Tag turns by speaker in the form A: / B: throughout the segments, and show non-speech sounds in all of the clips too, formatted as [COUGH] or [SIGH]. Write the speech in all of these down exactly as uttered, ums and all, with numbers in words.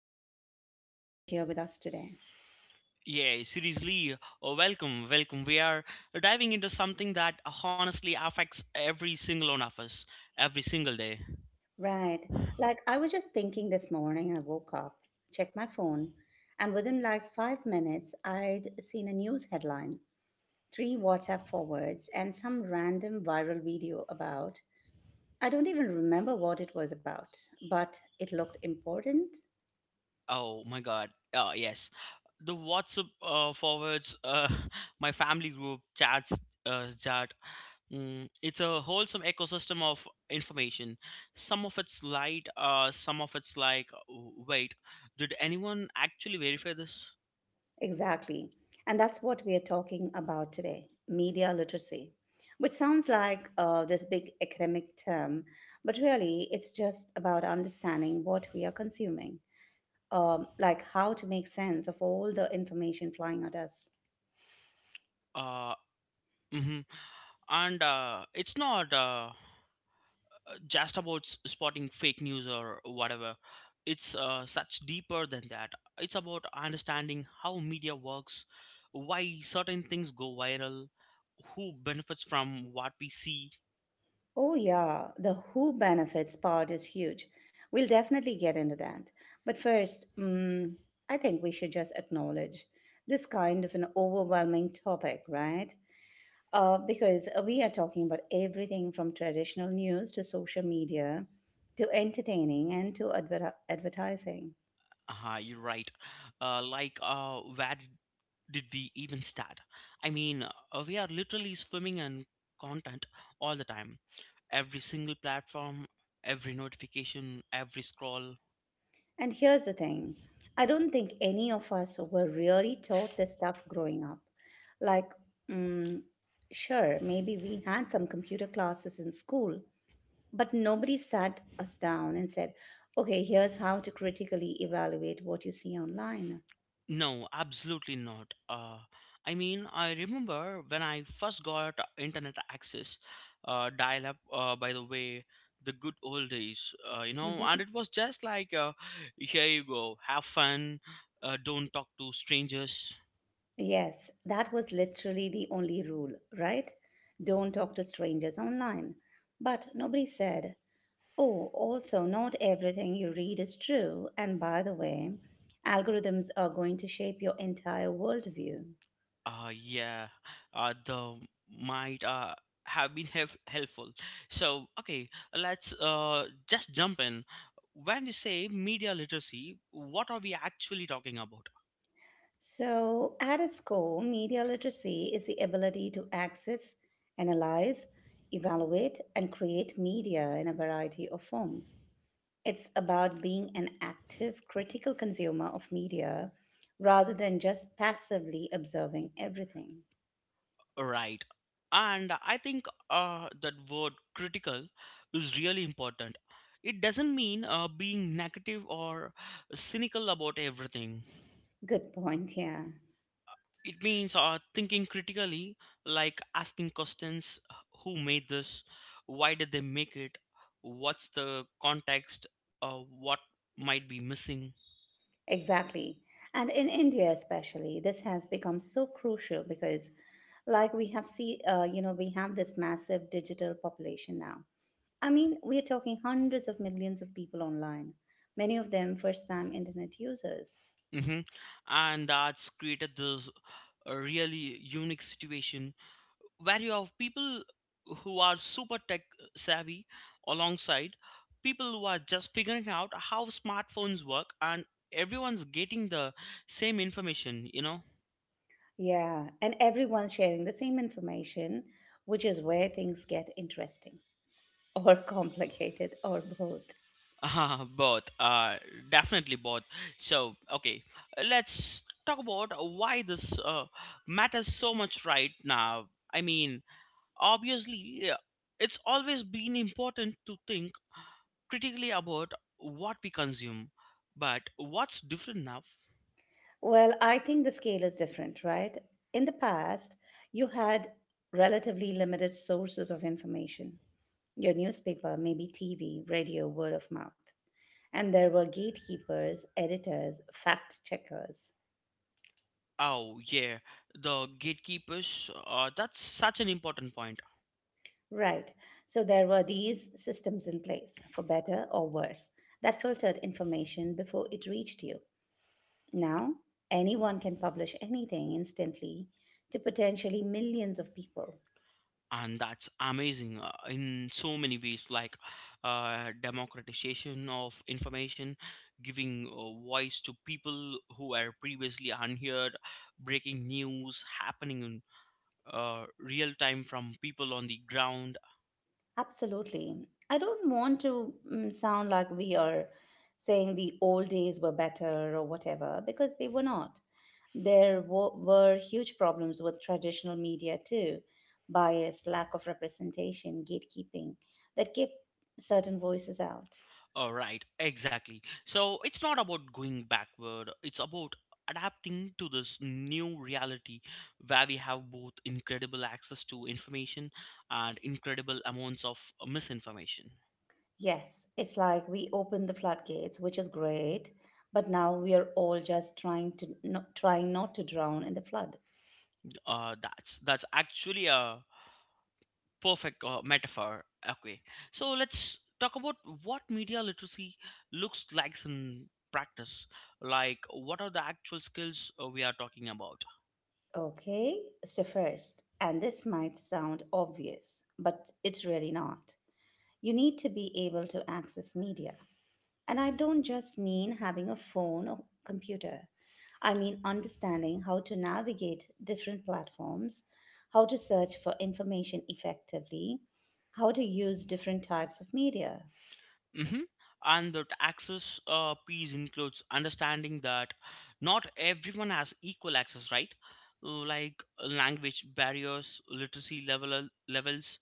A: I'm so glad you're here with us today.
B: Yeah, seriously, uh, welcome, welcome. We are diving into something that honestly affects every single one of us every single day.
A: Right. Like, I was just thinking this morning, I woke up, checked my phone, and within like five minutes, I'd seen a news headline, three WhatsApp forwards, and some random viral video about. I don't even remember what it was about, but it looked important.
B: Oh my god. Oh, yes. The WhatsApp uh, forwards, uh, [LAUGHS] my family group chats, uh, chat. Mm, it's a wholesome ecosystem of information. Some of it's light, uh, some of it's like, wait, did anyone actually verify this?
A: Exactly. And that's what we are talking about today, media literacy, which sounds like uh, this big academic term, but really it's just about understanding what we are consuming, um, like how to make sense of all the information flying at us.
B: Uh, hmm And uh, it's not. Uh, uh, just about s- spotting fake news or whatever. It's uh, such deeper than that. It's about understanding how media works, why certain things go viral, who benefits from what we see.
A: Oh, yeah, the who benefits part is huge. We'll definitely get into that. But first, mm I think we should just acknowledge this kind of an overwhelming topic, right? uh, because uh, we are talking about everything from traditional news to social media to entertaining and to adver- advertising.
B: Ah, you're right. Uh, like, uh, where did did we even start? I mean, uh, we are literally swimming in content all the time. Every single platform, every notification, every scroll.
A: And here's the thing, I don't think any of us were really taught this stuff growing up. Like, mm, sure, maybe we had some computer classes in school, but nobody sat us down and said, okay, here's how to critically evaluate what you see online.
B: No, absolutely not. Uh, I mean, I remember when I first got internet access, uh, dial up, uh, by the way, the good old days, uh, you know, and it was just like, uh, here you go, have fun, uh, don't talk to strangers.
A: Yes, that was literally the only rule, right? Don't talk to strangers online. But nobody said, oh, also, not everything you read is true. And by the way, algorithms are going to shape your entire worldview.
B: Uh, yeah, uh, the might uh, have been hef- helpful. So, okay, let's uh, just jump in. When you say media literacy, what are we actually talking about?
A: So, at its core, media literacy is the ability to access, analyze, evaluate, and create media in a variety of forms. It's about being an active, critical consumer of media rather than just passively observing everything.
B: Right. And I think uh, that word critical is really important. It doesn't mean uh, being negative or cynical about everything.
A: Good point, yeah.
B: It means uh, thinking critically, like asking questions: who made this, why did they make it, what's the context, uh, what might be missing.
A: Exactly. And in India especially, this has become so crucial because, like, we have see uh, you know, we have this massive digital population now. I mean, we are talking hundreds of millions of people online, many of them first-time internet users.
B: hmm And that's created this uh, really unique situation where you have people who are super tech savvy alongside people who are just figuring out how smartphones work, and everyone's getting the same information you know
A: Yeah, and everyone's sharing the same information, which is where things get interesting. Or complicated, or both?
B: [LAUGHS] uh, Both, uh, definitely both. So, okay, let's talk about why this uh, matters so much right now. I mean, obviously, uh, it's always been important to think critically about what we consume, but what's different now?
A: Well, I think the scale is different, right? In the past, you had relatively limited sources of information, your newspaper, maybe T V, radio, word of mouth. And there were gatekeepers, editors, fact checkers.
B: Oh, yeah, the gatekeepers, uh, that's such an important point.
A: Right. So there were these systems in place, for better or worse, that filtered information before it reached you. Now, anyone can publish anything instantly to potentially millions of people.
B: And that's amazing uh, in so many ways, like uh, democratization of information, giving uh, voice to people who were previously unheard, breaking news happening in uh, real time from people on the ground.
A: Absolutely. I don't want to mm, sound like we are saying the old days were better or whatever, because they were not. There w- were huge problems with traditional media too, bias, lack of representation, gatekeeping that kept certain voices out.
B: All right, exactly. So it's not about going backward, it's about adapting to this new reality where we have both incredible access to information and incredible amounts of misinformation.
A: Yes, it's like we opened the floodgates, which is great, but now we are all just trying to not, trying not to drown in the flood.
B: Uh, that's that's actually a perfect uh, metaphor. Okay, so let's talk about what media literacy looks like in practice. Like, what are the actual skills uh, we are talking about?
A: Okay, so first, and this might sound obvious, but it's really not. You need to be able to access media. And I don't just mean having a phone or computer. I mean understanding how to navigate different platforms, how to search for information effectively, how to use different types of media.
B: hmm And that access uh, piece includes understanding that not everyone has equal access, right? Uh, Like uh, language barriers, literacy level uh, levels,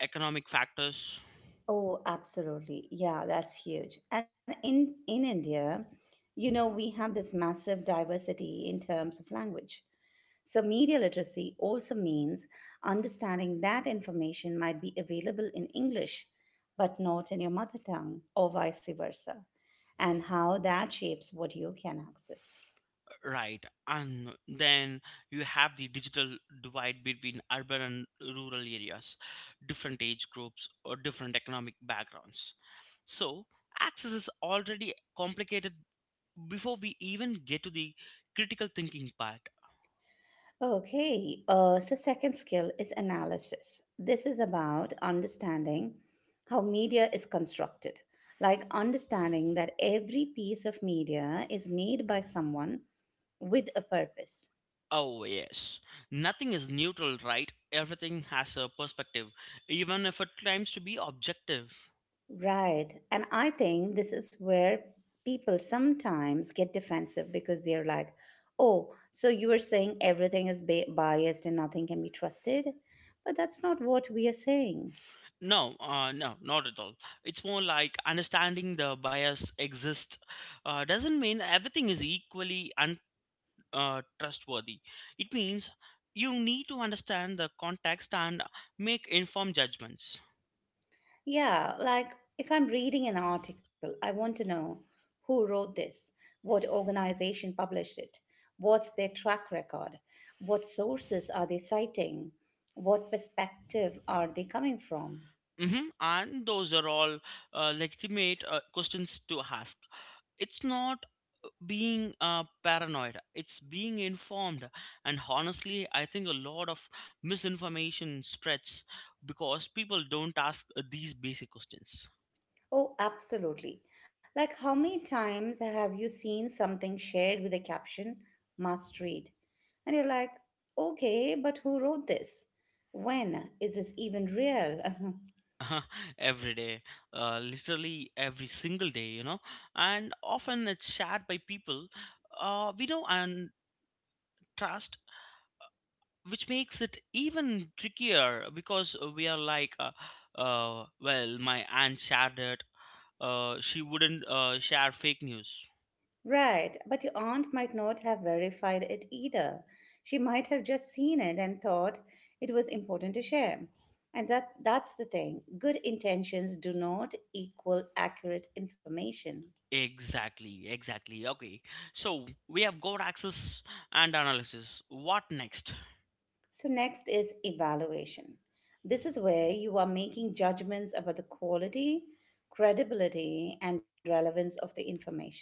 B: economic factors.
A: Oh, absolutely. Yeah, that's huge. And in, in India, you know, we have this massive diversity in terms of language. So, media literacy also means understanding that information might be available in English but not in your mother tongue, or vice versa, and how that shapes what you can access.
B: Right? And then you have the digital divide between urban and rural areas, different age groups, or different economic backgrounds. So access is already complicated before we even get to the critical thinking part.
A: Okay, uh, so second skill is analysis. This is about understanding how media is constructed, like understanding that every piece of media is made by someone with a purpose.
B: Oh, yes. Nothing is neutral, right? Everything has a perspective, even if it claims to be objective.
A: Right. And I think this is where people sometimes get defensive because they're like, oh, so you are saying everything is ba- biased and nothing can be trusted? But that's not what we are saying.
B: No, uh, no, not at all. It's more like understanding the bias exists uh, doesn't mean everything is equally un- uh, trustworthy. It means you need to understand the context and make informed judgments.
A: Yeah, like if I'm reading an article, I want to know who wrote this, what organization published it, what's their track record, what sources are they citing, what perspective are they coming from?
B: hmm And those are all uh, legitimate uh, questions to ask. It's not being uh, paranoid, it's being informed. And honestly, I think a lot of misinformation spreads because people don't ask uh, these basic questions.
A: Oh, absolutely. Like, how many times have you seen something shared with a caption, must read? And you're like, okay, but who wrote this? When is this even real?
B: [LAUGHS] Every day, uh, literally every single day, you know. And often it's shared by people uh, we know and trust, which makes it even trickier, because we are like, uh, uh, well, my aunt shared it, uh, she wouldn't uh, share fake news.
A: [LAUGHS] Right, but your aunt might not have verified it either. She might have just seen it and thought it was important to share. And that, that's the thing, good intentions do not equal accurate information.
B: Exactly, exactly. Okay, so we have got access and analysis. What next?
A: So, next is evaluation. This is where you are making judgments about the quality, credibility, and relevance of the information.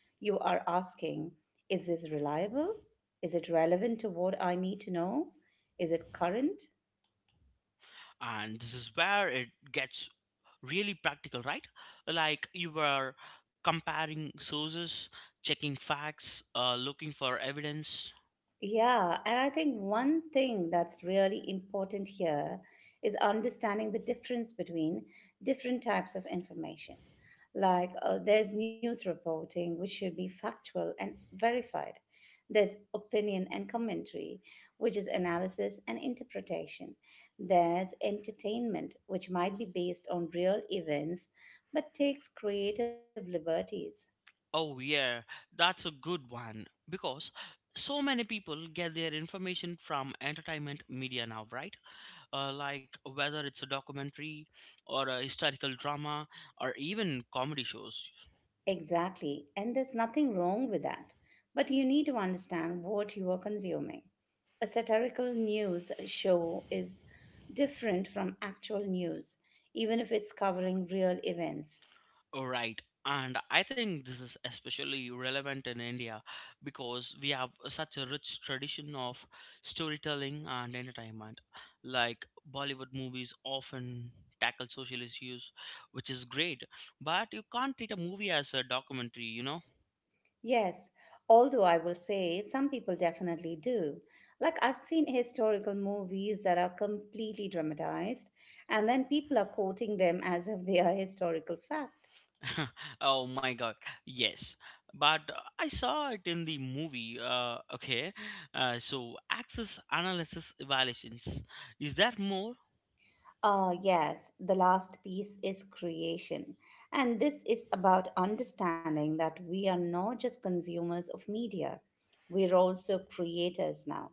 A: You are asking, is this reliable? Is it relevant to what I need to know? Is it current?
B: And this is where it gets really practical, right? Like you were comparing sources, checking facts, uh, looking for evidence.
A: Yeah, and I think one thing that's really important here is understanding the difference between different types of information. Like, uh, there's news reporting, which should be factual and verified. There's opinion and commentary, which is analysis and interpretation. There's entertainment, which might be based on real events but takes creative liberties.
B: Oh, yeah, that's a good one, because so many people get their information from entertainment media now, right? Uh, like, whether it's a documentary or a historical drama or even comedy shows.
A: Exactly, and there's nothing wrong with that. But you need to understand what you are consuming. A satirical news show is different from actual news, even if it's covering real events.
B: Right. And I think this is especially relevant in India because we have such a rich tradition of storytelling and entertainment. Like Bollywood movies often tackle social issues, which is great, but you can't treat a movie as a documentary, you know?
A: Yes, although I will say some people definitely do. Like, I've seen historical movies that are completely dramatized, and then people are quoting them as if they are [LAUGHS] historical fact.
B: [LAUGHS] Oh my god, yes. But uh, I saw it in the movie, uh, okay? Uh, so, access, analysis, evaluations. Is there more?
A: Ah, yes, the last piece is creation. And this is about understanding that we are not just consumers of media, we're also creators now.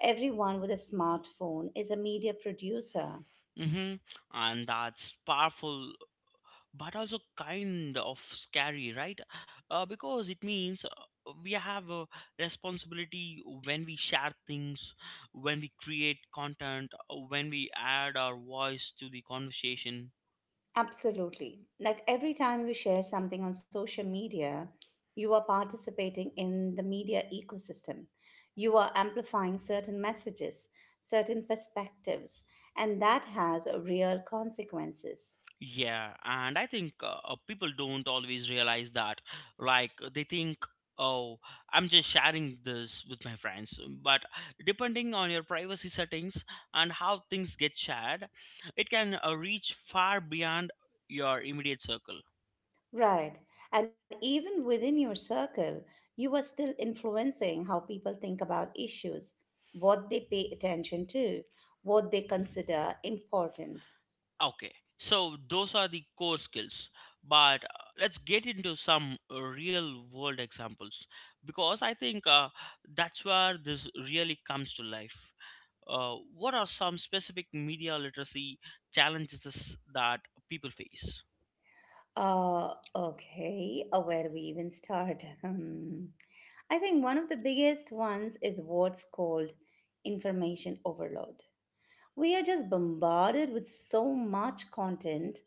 A: Everyone with a smartphone is a media producer.
B: Mm-hmm. And that's powerful, but also kind of scary, right? Uh, because it means uh, we have a responsibility when we share things, when we create content, uh, when we add our voice to the conversation.
A: Absolutely. Like every time you share something on social media, you are participating in the media ecosystem. You are amplifying certain messages, certain perspectives, and that has real consequences.
B: Yeah, and I think uh, uh, people don't always realize that. Like, they think, oh, I'm just sharing this with my friends. But depending on your privacy settings and how things get shared, it can uh, reach far beyond your immediate circle.
A: Right. And even within your circle, you are still influencing how people think about issues, what they pay attention to, what they consider important.
B: Okay, so those are the core skills. But uh, let's get into some uh, real world examples, because I think uh, that's where this really comes to life. Uh, what are some specific media literacy challenges that people face?
A: Uh, okay. Uh, where do we even start? [LAUGHS] Hmm. I think one of the biggest ones is what's called information overload. We are just bombarded with so much content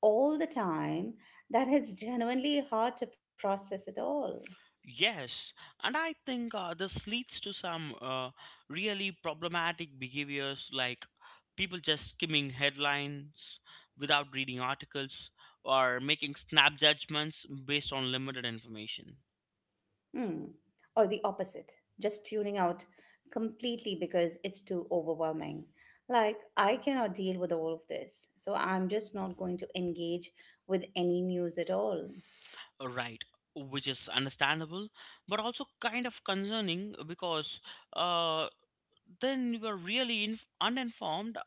A: all the time that it's genuinely hard to process it all.
B: Yes, and I think uh, this leads to some uh, really problematic behaviors, like people just skimming headlines without reading articles or making snap judgments based on limited information.
A: Hmm, Or the opposite, just tuning out completely because it's too overwhelming. Like, I cannot deal with all of this, so I'm just not going to engage with any news at all.
B: Right, which is understandable, but also kind of concerning, because uh, then you are really inf- uninformed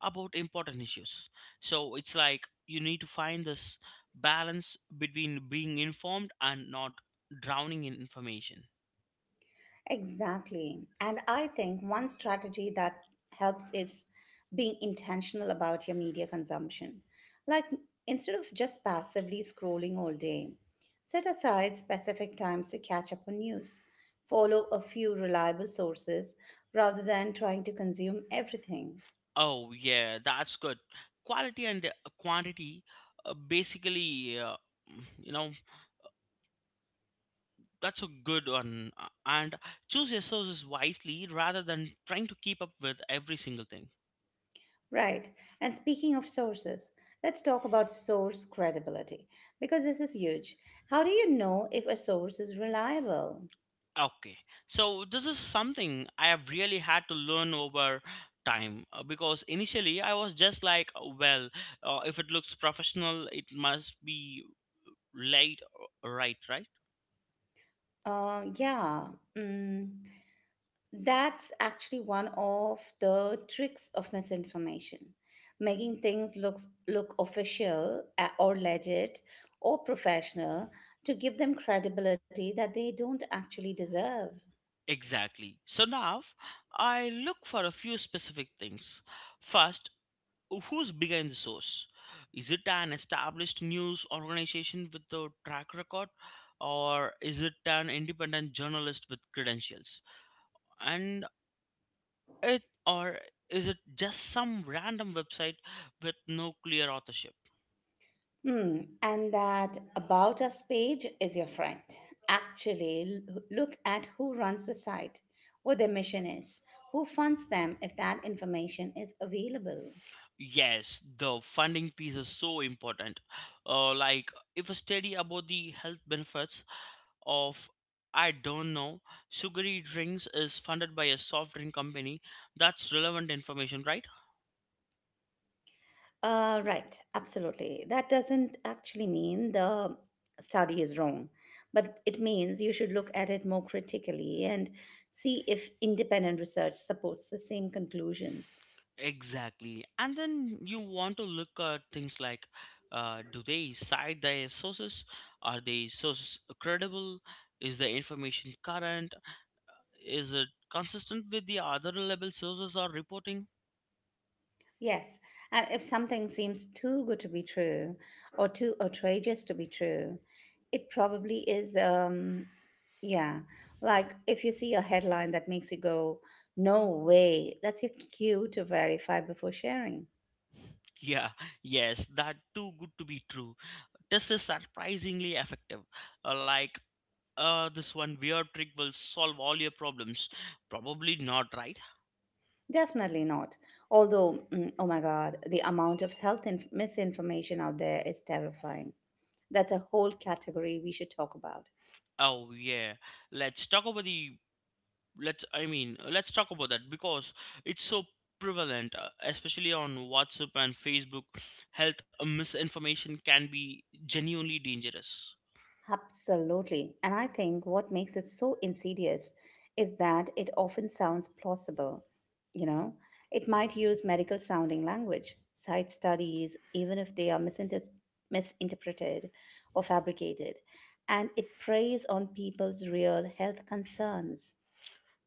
B: about important issues. So it's like you need to find this balance between being informed and not drowning in information.
A: Exactly. And I think one strategy that helps is being intentional about your media consumption. Like, instead of just passively scrolling all day, set aside specific times to catch up on news. Follow a few reliable sources rather than trying to consume everything.
B: Oh, yeah, that's good. Quality and uh, quantity, uh, basically, uh, you know, that's a good one. Uh, And choose your sources wisely rather than trying to keep up with every single thing.
A: Right. And speaking of sources, let's talk about source credibility because this is huge. How do you know if a source is reliable?
B: Okay, so this is something I have really had to learn over time, uh, because initially I was just like, "Oh, well, uh, if it looks professional, it must be laid," uh, right, right?
A: Uh, yeah, mm, that's actually one of the tricks of misinformation, making things looks look official uh, or legit or professional to give them credibility that they don't actually deserve.
B: Exactly. So now I look for a few specific things. First, who's behind the source? Is it an established news organization with a track record? Or is it an independent journalist with credentials? And It Or is it just some random website with no clear authorship?
A: Hmm, and that About Us page is your friend. Actually, l- look at who runs the site, what their mission is, who funds them if that information is available.
B: Yes, the funding piece is so important. Uh, like, if a study about the health benefits of, I don't know, sugary drinks is funded by a soft drink company, that's relevant information, right?
A: Uh, right, absolutely. That doesn't actually mean the study is wrong, but it means you should look at it more critically and see if independent research supports the same conclusions.
B: Exactly. And then you want to look at things like, uh, do they cite their sources? Are they sources credible? Is the information current? Is it consistent with the other reliable sources are reporting?
A: Yes, and if something seems too good to be true or too outrageous to be true, it probably is, um, yeah. Like if you see a headline that makes you go, no way, that's your cue to verify before sharing.
B: Yeah, yes, that too good to be true test is surprisingly effective. Uh, like, uh, this one weird trick will solve all your problems. Probably not, right?
A: Definitely not. Although, mm, oh my God, the amount of health inf- misinformation out there is terrifying. That's a whole category we should talk about.
B: Oh yeah. Let's talk about the let's I mean Let's talk about that, because it's so prevalent, uh, especially on WhatsApp and Facebook. Health misinformation can be genuinely dangerous.
A: Absolutely. And I think what makes it so insidious is that it often sounds plausible. You know, it might use medical sounding language, cite studies, even if they are misinter- misinterpreted or fabricated. And it preys on people's real health concerns.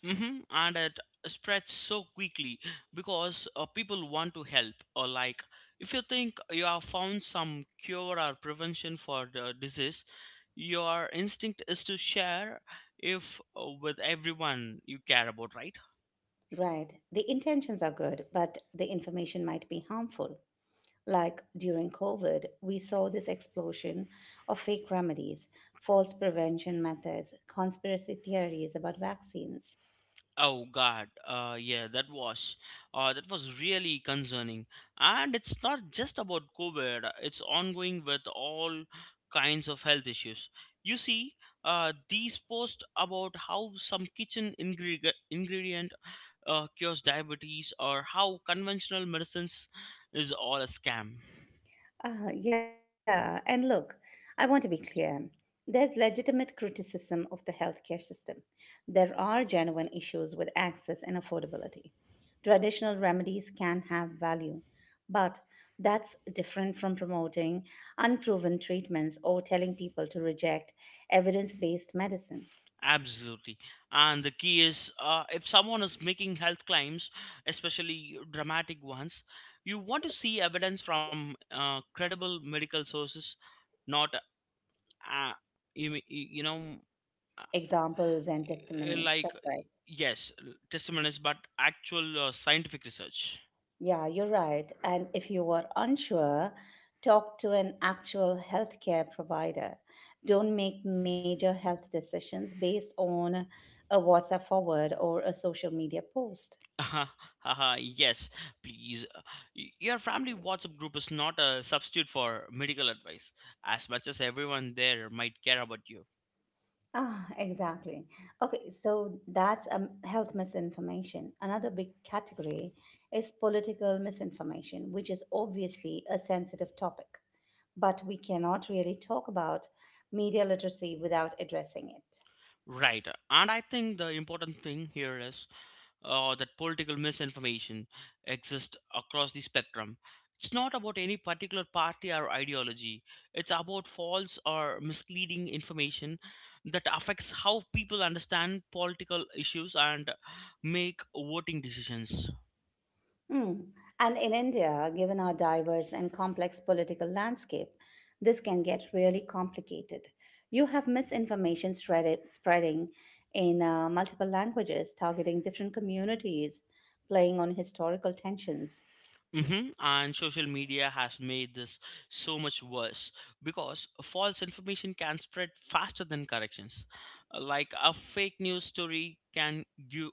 B: hmm And it spreads so quickly, because uh, people want to help. Or, like, if you think you have found some cure or prevention for the disease, your instinct is to share if, uh, with everyone you care about, right?
A: Right. The intentions are good, but the information might be harmful. Like during COVID, we saw this explosion of fake remedies, false prevention methods, conspiracy theories about vaccines.
B: Oh God, uh, yeah, that was uh, that was really concerning. And it's not just about COVID. uh, It's ongoing with all kinds of health issues. You see, uh, these posts about how some kitchen ingredi- ingredient uh, cures diabetes, or how conventional medicines is all a scam.
A: Uh, yeah, and look, I want to be clear. There's legitimate criticism of the healthcare system. There are genuine issues with access and affordability. Traditional remedies can have value, but that's different from promoting unproven treatments or telling people to reject evidence based medicine.
B: Absolutely. And the key is, uh, if someone is making health claims, especially dramatic ones, you want to see evidence from uh, credible medical sources, not, uh, you, m- you know, uh,
A: Examples and
B: eh,
A: testimonies.
B: like,
A: That's right.
B: yes, testimonies, but actual uh, scientific research.
A: Yeah, you're right. And if you are unsure, talk to an actual healthcare provider. Don't make major health decisions based on a WhatsApp forward or a social media post.
B: [LAUGHS] Haha, yes, please. Uh, y- Your family WhatsApp group is not a substitute for medical advice, as much as everyone there might care about you.
A: Ah, exactly. Okay, so that's um, health misinformation. Another big category is political misinformation, which is obviously a sensitive topic, but we cannot really talk about media literacy without addressing it.
B: Right. And I think the important thing here is uh, that political misinformation exists across the spectrum. It's not about any particular party or ideology, it's about false or misleading information that affects how people understand political issues and make voting decisions.
A: Mm. And in India, given our diverse and complex political landscape, this can get really complicated. You have misinformation spread- spreading in uh, multiple languages, targeting different communities, playing on historical tensions.
B: hmm And social media has made this so much worse, because false information can spread faster than corrections. Uh, Like, a fake news story can you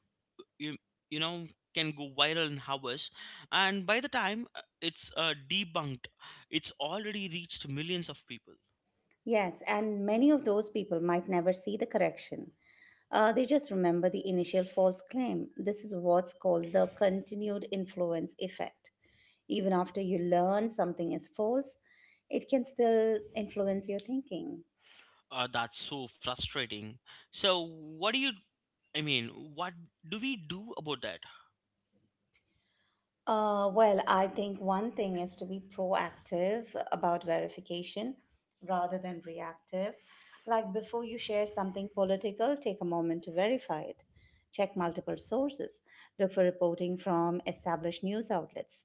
B: you, you know can go viral in hours, and by the time uh, it's uh, debunked, it's already reached millions of people.
A: Yes, and many of those people might never see the correction. Uh, they just remember the initial false claim. This is what's called the continued influence effect. Even after you learn something is false, it can still influence your thinking.
B: Uh, that's so frustrating. So, what do you? I mean, What do we do about that?
A: Uh, well, I think one thing is to be proactive about verification rather than reactive. Like before you share something political, take a moment to verify it. Check multiple sources. Look for reporting from established news outlets.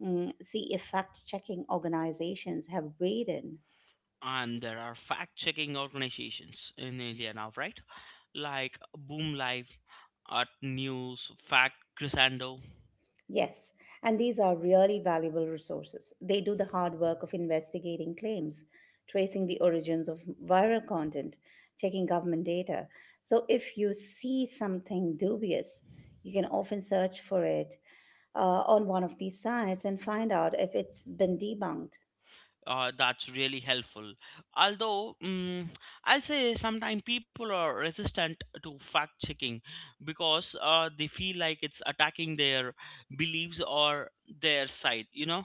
A: Mm, see if fact checking organizations have weighed in.
B: And there are fact checking organizations in India now, right? Like Boom Live, at News, Fact Crescendo.
A: Yes, and these are really valuable resources. They do the hard work of investigating claims, tracing the origins of viral content, checking government data. So if you see something dubious, you can often search for it uh, on one of these sites and find out if it's been debunked.
B: Uh, that's really helpful. Although, mm, I'll say sometimes people are resistant to fact checking because uh, they feel like it's attacking their beliefs or their side, you know.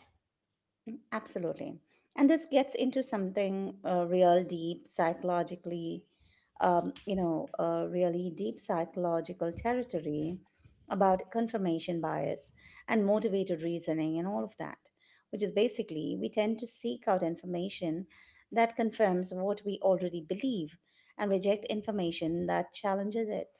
A: Absolutely. And this gets into something uh, real deep psychologically, um, you know, uh, really deep psychological territory about confirmation bias and motivated reasoning and all of that, which is basically we tend to seek out information that confirms what we already believe and reject information that challenges it.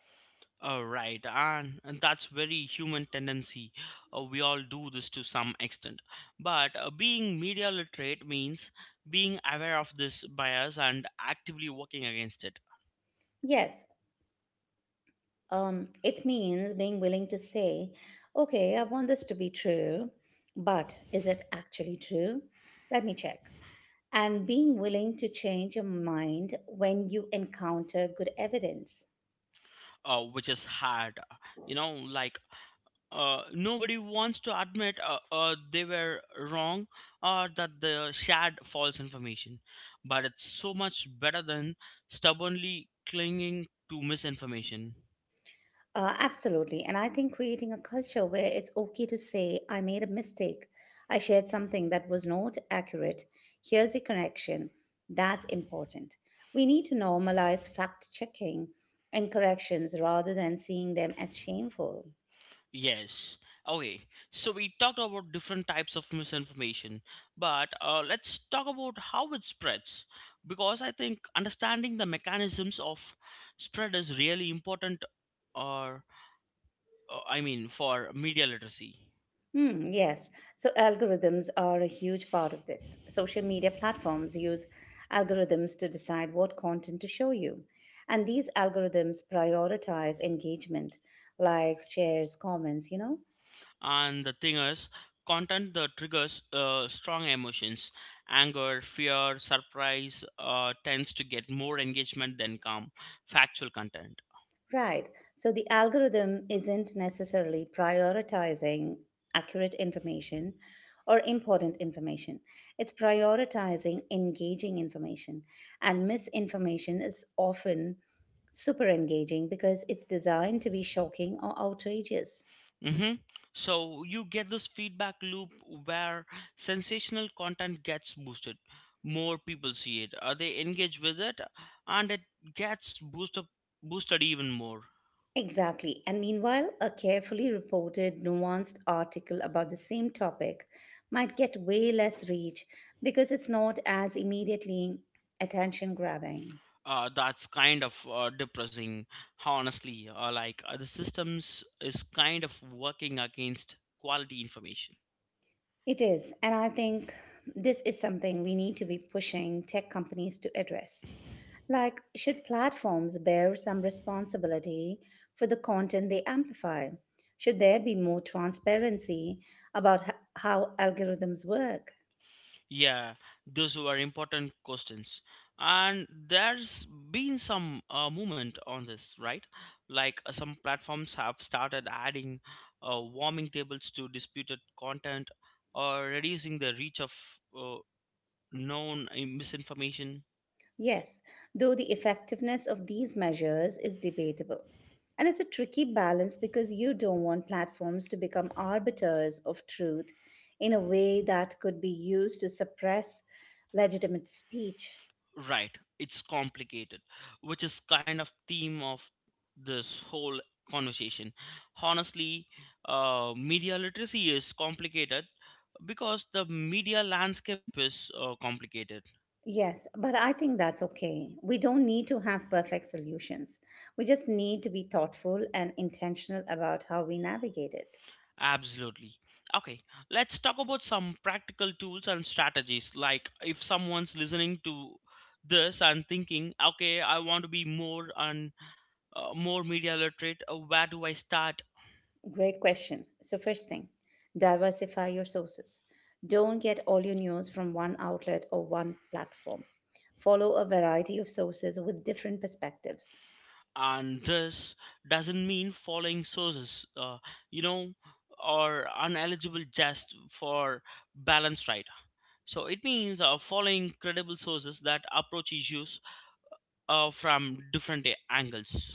B: Uh, right, and, and that's very human tendency. Uh, we all do this to some extent. But uh, being media literate means being aware of this bias and actively working against it,
A: Yes. Um, it means being willing to say, okay, I want this to be true, but is it actually true? Let me check. And being willing to change your mind when you encounter good evidence.
B: uh, which is hard. You know, like uh, Nobody wants to admit uh, uh, they were wrong or that they shared false information. But it's so much better than stubbornly clinging to misinformation.
A: Uh, absolutely. And I think creating a culture where it's okay to say, I made a mistake. I shared something that was not accurate. Here's the correction. That's important. We need to normalize fact checking and corrections rather than seeing them as shameful.
B: Yes. Okay. So we talked about different types of misinformation, but uh, let's talk about how it spreads because I think understanding the mechanisms of spread is really important or uh, I mean for media literacy.
A: Hmm, yes. So algorithms are a huge part of this. Social media platforms use algorithms to decide what content to show you. And these algorithms prioritize engagement, likes, shares, comments, you know?
B: And the thing is, content that triggers uh, strong emotions, anger, fear, surprise, uh, tends to get more engagement than calm factual content.
A: Right. So the algorithm isn't necessarily prioritizing accurate information or important information. It's prioritizing engaging information. And misinformation is often super engaging because it's designed to be shocking or outrageous.
B: Mm-hmm. So you get this feedback loop where sensational content gets boosted. More people see it, uh, they engage with it, and it gets boosted boosted even more.
A: Exactly. And meanwhile, a carefully reported, nuanced article about the same topic might get way less reach because it's not as immediately attention grabbing.
B: Uh, that's kind of uh, depressing, honestly. Uh, like uh, the systems is kind of working against quality information.
A: It is. And I think this is something we need to be pushing tech companies to address. Like, should platforms bear some responsibility for the content they amplify? Should there be more transparency about h- how algorithms work?
B: Yeah, those were important questions. And there's been some uh, movement on this, right? Like uh, some platforms have started adding uh, warming tables to disputed content or reducing the reach of uh, known uh, misinformation.
A: Yes, though the effectiveness of these measures is debatable. And it's a tricky balance because you don't want platforms to become arbiters of truth in a way that could be used to suppress legitimate speech.
B: Right, it's complicated, which is kind of theme of this whole conversation. Honestly, uh, media literacy is complicated because the media landscape is uh, complicated.
A: Yes, but I think that's okay. We don't need to have perfect solutions. We just need to be thoughtful and intentional about how we navigate it.
B: Absolutely. Okay, let's talk about some practical tools and strategies, like if someone's listening to this and thinking, okay, I want to be more and uh, more media literate. Uh, where do I start?
A: Great question. So, first thing, diversify your sources. Don't get all your news from one outlet or one platform. Follow a variety of sources with different perspectives.
B: And this doesn't mean following sources, uh, you know or uneligible just for balance, right? So it means uh, following credible sources that approach issues uh, from different a- angles.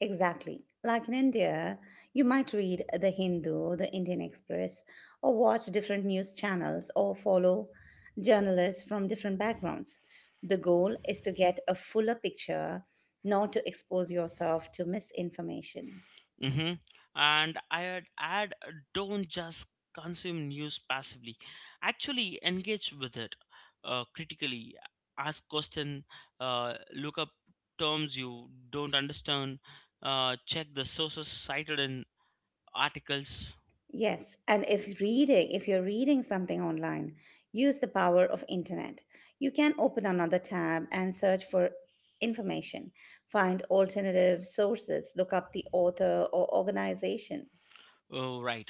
A: Exactly. Like in India, you might read The Hindu, The Indian Express, or watch different news channels or follow journalists from different backgrounds. The goal is to get a fuller picture, not to expose yourself to misinformation.
B: Hmm. And I would add, uh, don't just consume news passively. Actually, engage with it uh, critically. Ask questions. Uh, look up terms you don't understand. Uh, check the sources cited in articles.
A: Yes, and if reading, if you're reading something online, use the power of internet. You can open another tab and search for information, find alternative sources, look up the author or organization.
B: Oh, right,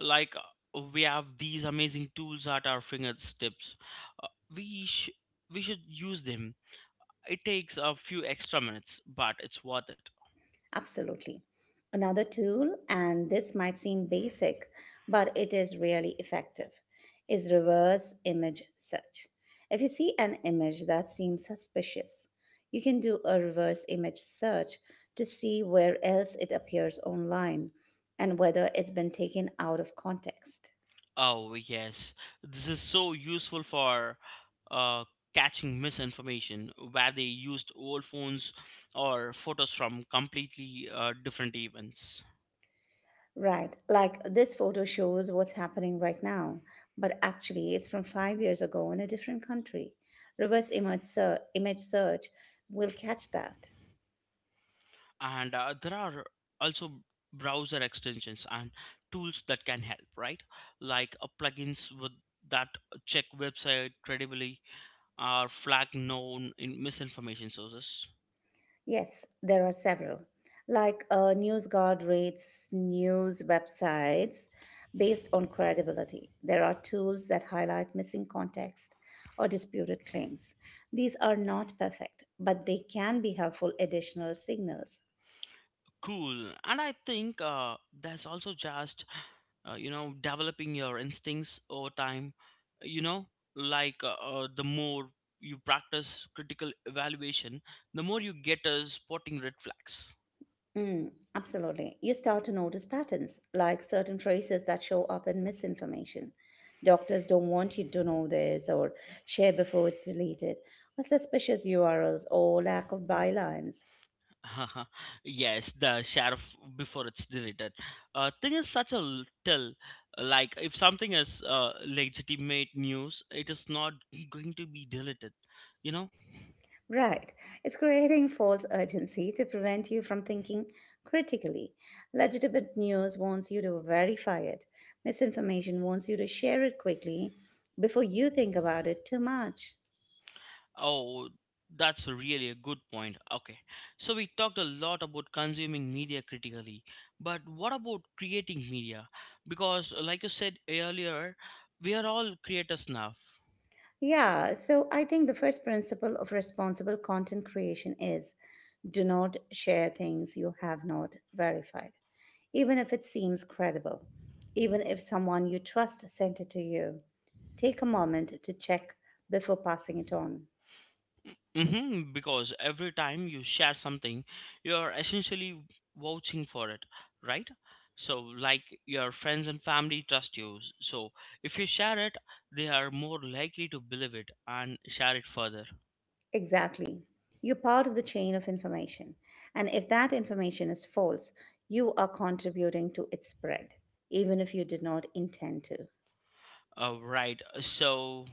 B: like uh, we have these amazing tools at our fingertips. Uh, we sh- we should use them. It takes a few extra minutes, but it's worth it.
A: Absolutely. Another tool, and this might seem basic, but it is really effective, is reverse image search. If you see an image that seems suspicious, you can do a reverse image search to see where else it appears online and whether it's been taken out of context.
B: Oh, yes. This is so useful for uh, catching misinformation where they used old phones or photos from completely uh, different events.
A: Right. Like this photo shows what's happening right now, but actually it's from five years ago in a different country. Reverse image, ser- image search will catch that.
B: And uh, there are also browser extensions and tools that can help, right? Like uh, plugins with that check website credibly or flag known in misinformation sources.
A: Yes, there are several. Like uh, NewsGuard rates news websites based on credibility. There are tools that highlight missing context or disputed claims. These are not perfect, but they can be helpful additional signals.
B: Cool. And I think uh, that's also just, uh, you know, developing your instincts over time, you know, like uh, uh, the more you practice critical evaluation the more you get uh, spotting red flags.
A: Mm, absolutely. You start to notice patterns, like certain phrases that show up in misinformation. Doctors don't want you to know this, or share before it's deleted, or suspicious U R Ls, or lack of bylines.
B: [LAUGHS] Yes, the sheriff before it's deleted uh, thing is such a l- tell. Like, if something is uh, legitimate news, it is not going to be deleted, you know.
A: Right. It's creating false urgency to prevent you from thinking critically. Legitimate news wants you to verify it, misinformation wants you to share it quickly before you think about it too much.
B: Oh, that's really a good point. Okay, so we talked a lot about consuming media critically, but what about creating media? Because, like you said earlier, we are all creators now.
A: Yeah, so I think the first principle of responsible content creation is do not share things you have not verified, even if it seems credible, even if someone you trust sent it to you. Take a moment to check before passing it on.
B: Mm-hmm, because every time you share something, you're essentially vouching for it, right? So, like, your friends and family trust you. So, if you share it, they are more likely to believe it and share it further.
A: Exactly. You're part of the chain of information, and if that information is false, you are contributing to its spread, even if you did not intend to.
B: Uh, right. uh, So,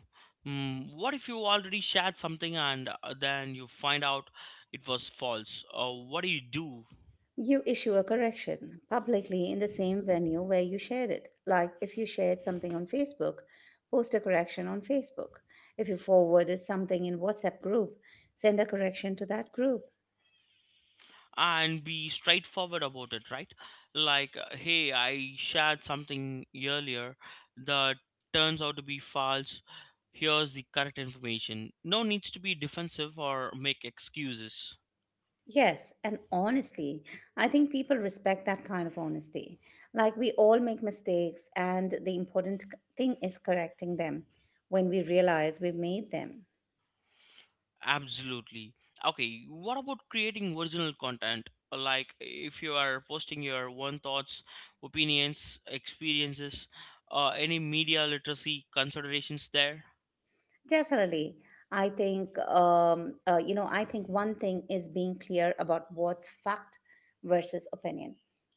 B: mm, what if you already shared something and uh, then you find out it was false? Uh, what do you do?
A: You issue a correction publicly in the same venue where you shared it. Like if you shared something on Facebook, post a correction on Facebook. If you forwarded something in WhatsApp group, send a correction to that group.
B: And be straightforward about it, right? Like, uh, hey, I shared something earlier that turns out to be false. Here's the correct information. No needs to be defensive or make excuses.
A: Yes, and honestly, I think people respect that kind of honesty. Like we all make mistakes and the important c- thing is correcting them when we realize we've made them.
B: Absolutely. Okay, what about creating original content? Like, if you are posting your own thoughts, opinions, experiences, uh, any media literacy considerations there.
A: Definitely. I think, um, uh, you know, I think one thing is being clear about what's fact versus opinion.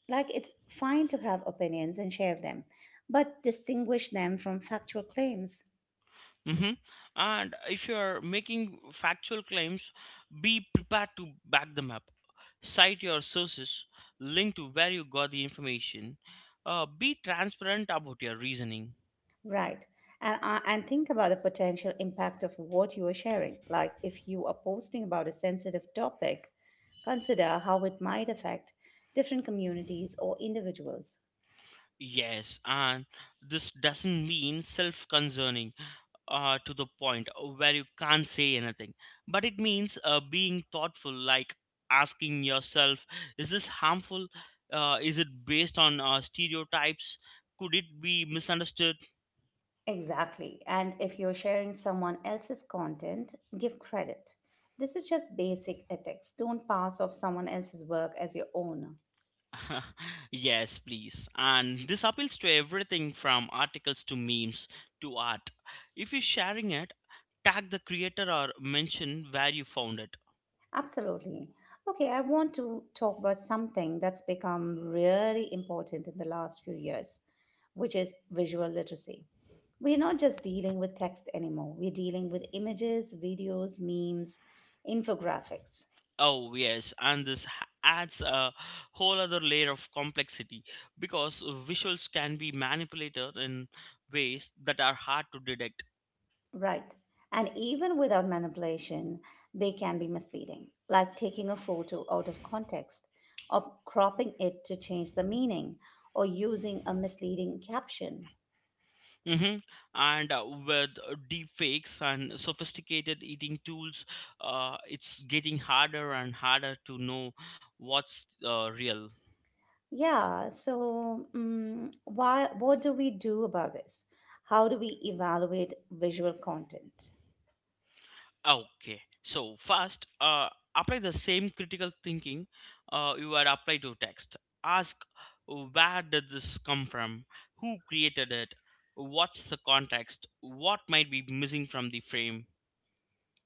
A: Like, it's fine to have opinions and share them, but distinguish them from factual claims.
B: Mm-hmm. And if you are making factual claims, be prepared to back them up. Cite your sources, link to where you got the information. Uh, be transparent about your reasoning.
A: Right. And, uh, and think about the potential impact of what you are sharing. Like, if you are posting about a sensitive topic, consider how it might affect different communities or individuals.
B: Yes, and this doesn't mean self concerning uh, to the point where you can't say anything. But it means uh, being thoughtful, like asking yourself, is this harmful? Uh, is it based on uh, stereotypes? Could it be misunderstood?
A: Exactly. And if you're sharing someone else's content, give credit. This is just basic ethics. Don't pass off someone else's work as your own.
B: [LAUGHS] Yes, please. And this appeals to everything from articles to memes to art. If you're sharing it, tag the creator or mention where you found it.
A: Absolutely. Okay, I want to talk about something that's become really important in the last few years, which is visual literacy. We're not just dealing with text anymore, we're dealing with images, videos, memes, infographics.
B: Oh yes, and this h- adds a whole other layer of complexity because visuals can be manipulated in ways that are hard to detect.
A: Right. And even without manipulation, they can be misleading, like taking a photo out of context, or cropping it to change the meaning, or using a misleading caption.
B: Hmm. And uh, with deep fakes and sophisticated eating tools, uh, it's getting harder and harder to know what's uh, real.
A: Yeah, so mm why, what do we do about this? How do we evaluate visual content?
B: Okay. So first, uh, apply the same critical thinking uh, you are apply to text. Ask, where did this come from? Who created it? What's the context? What might be missing from the frame?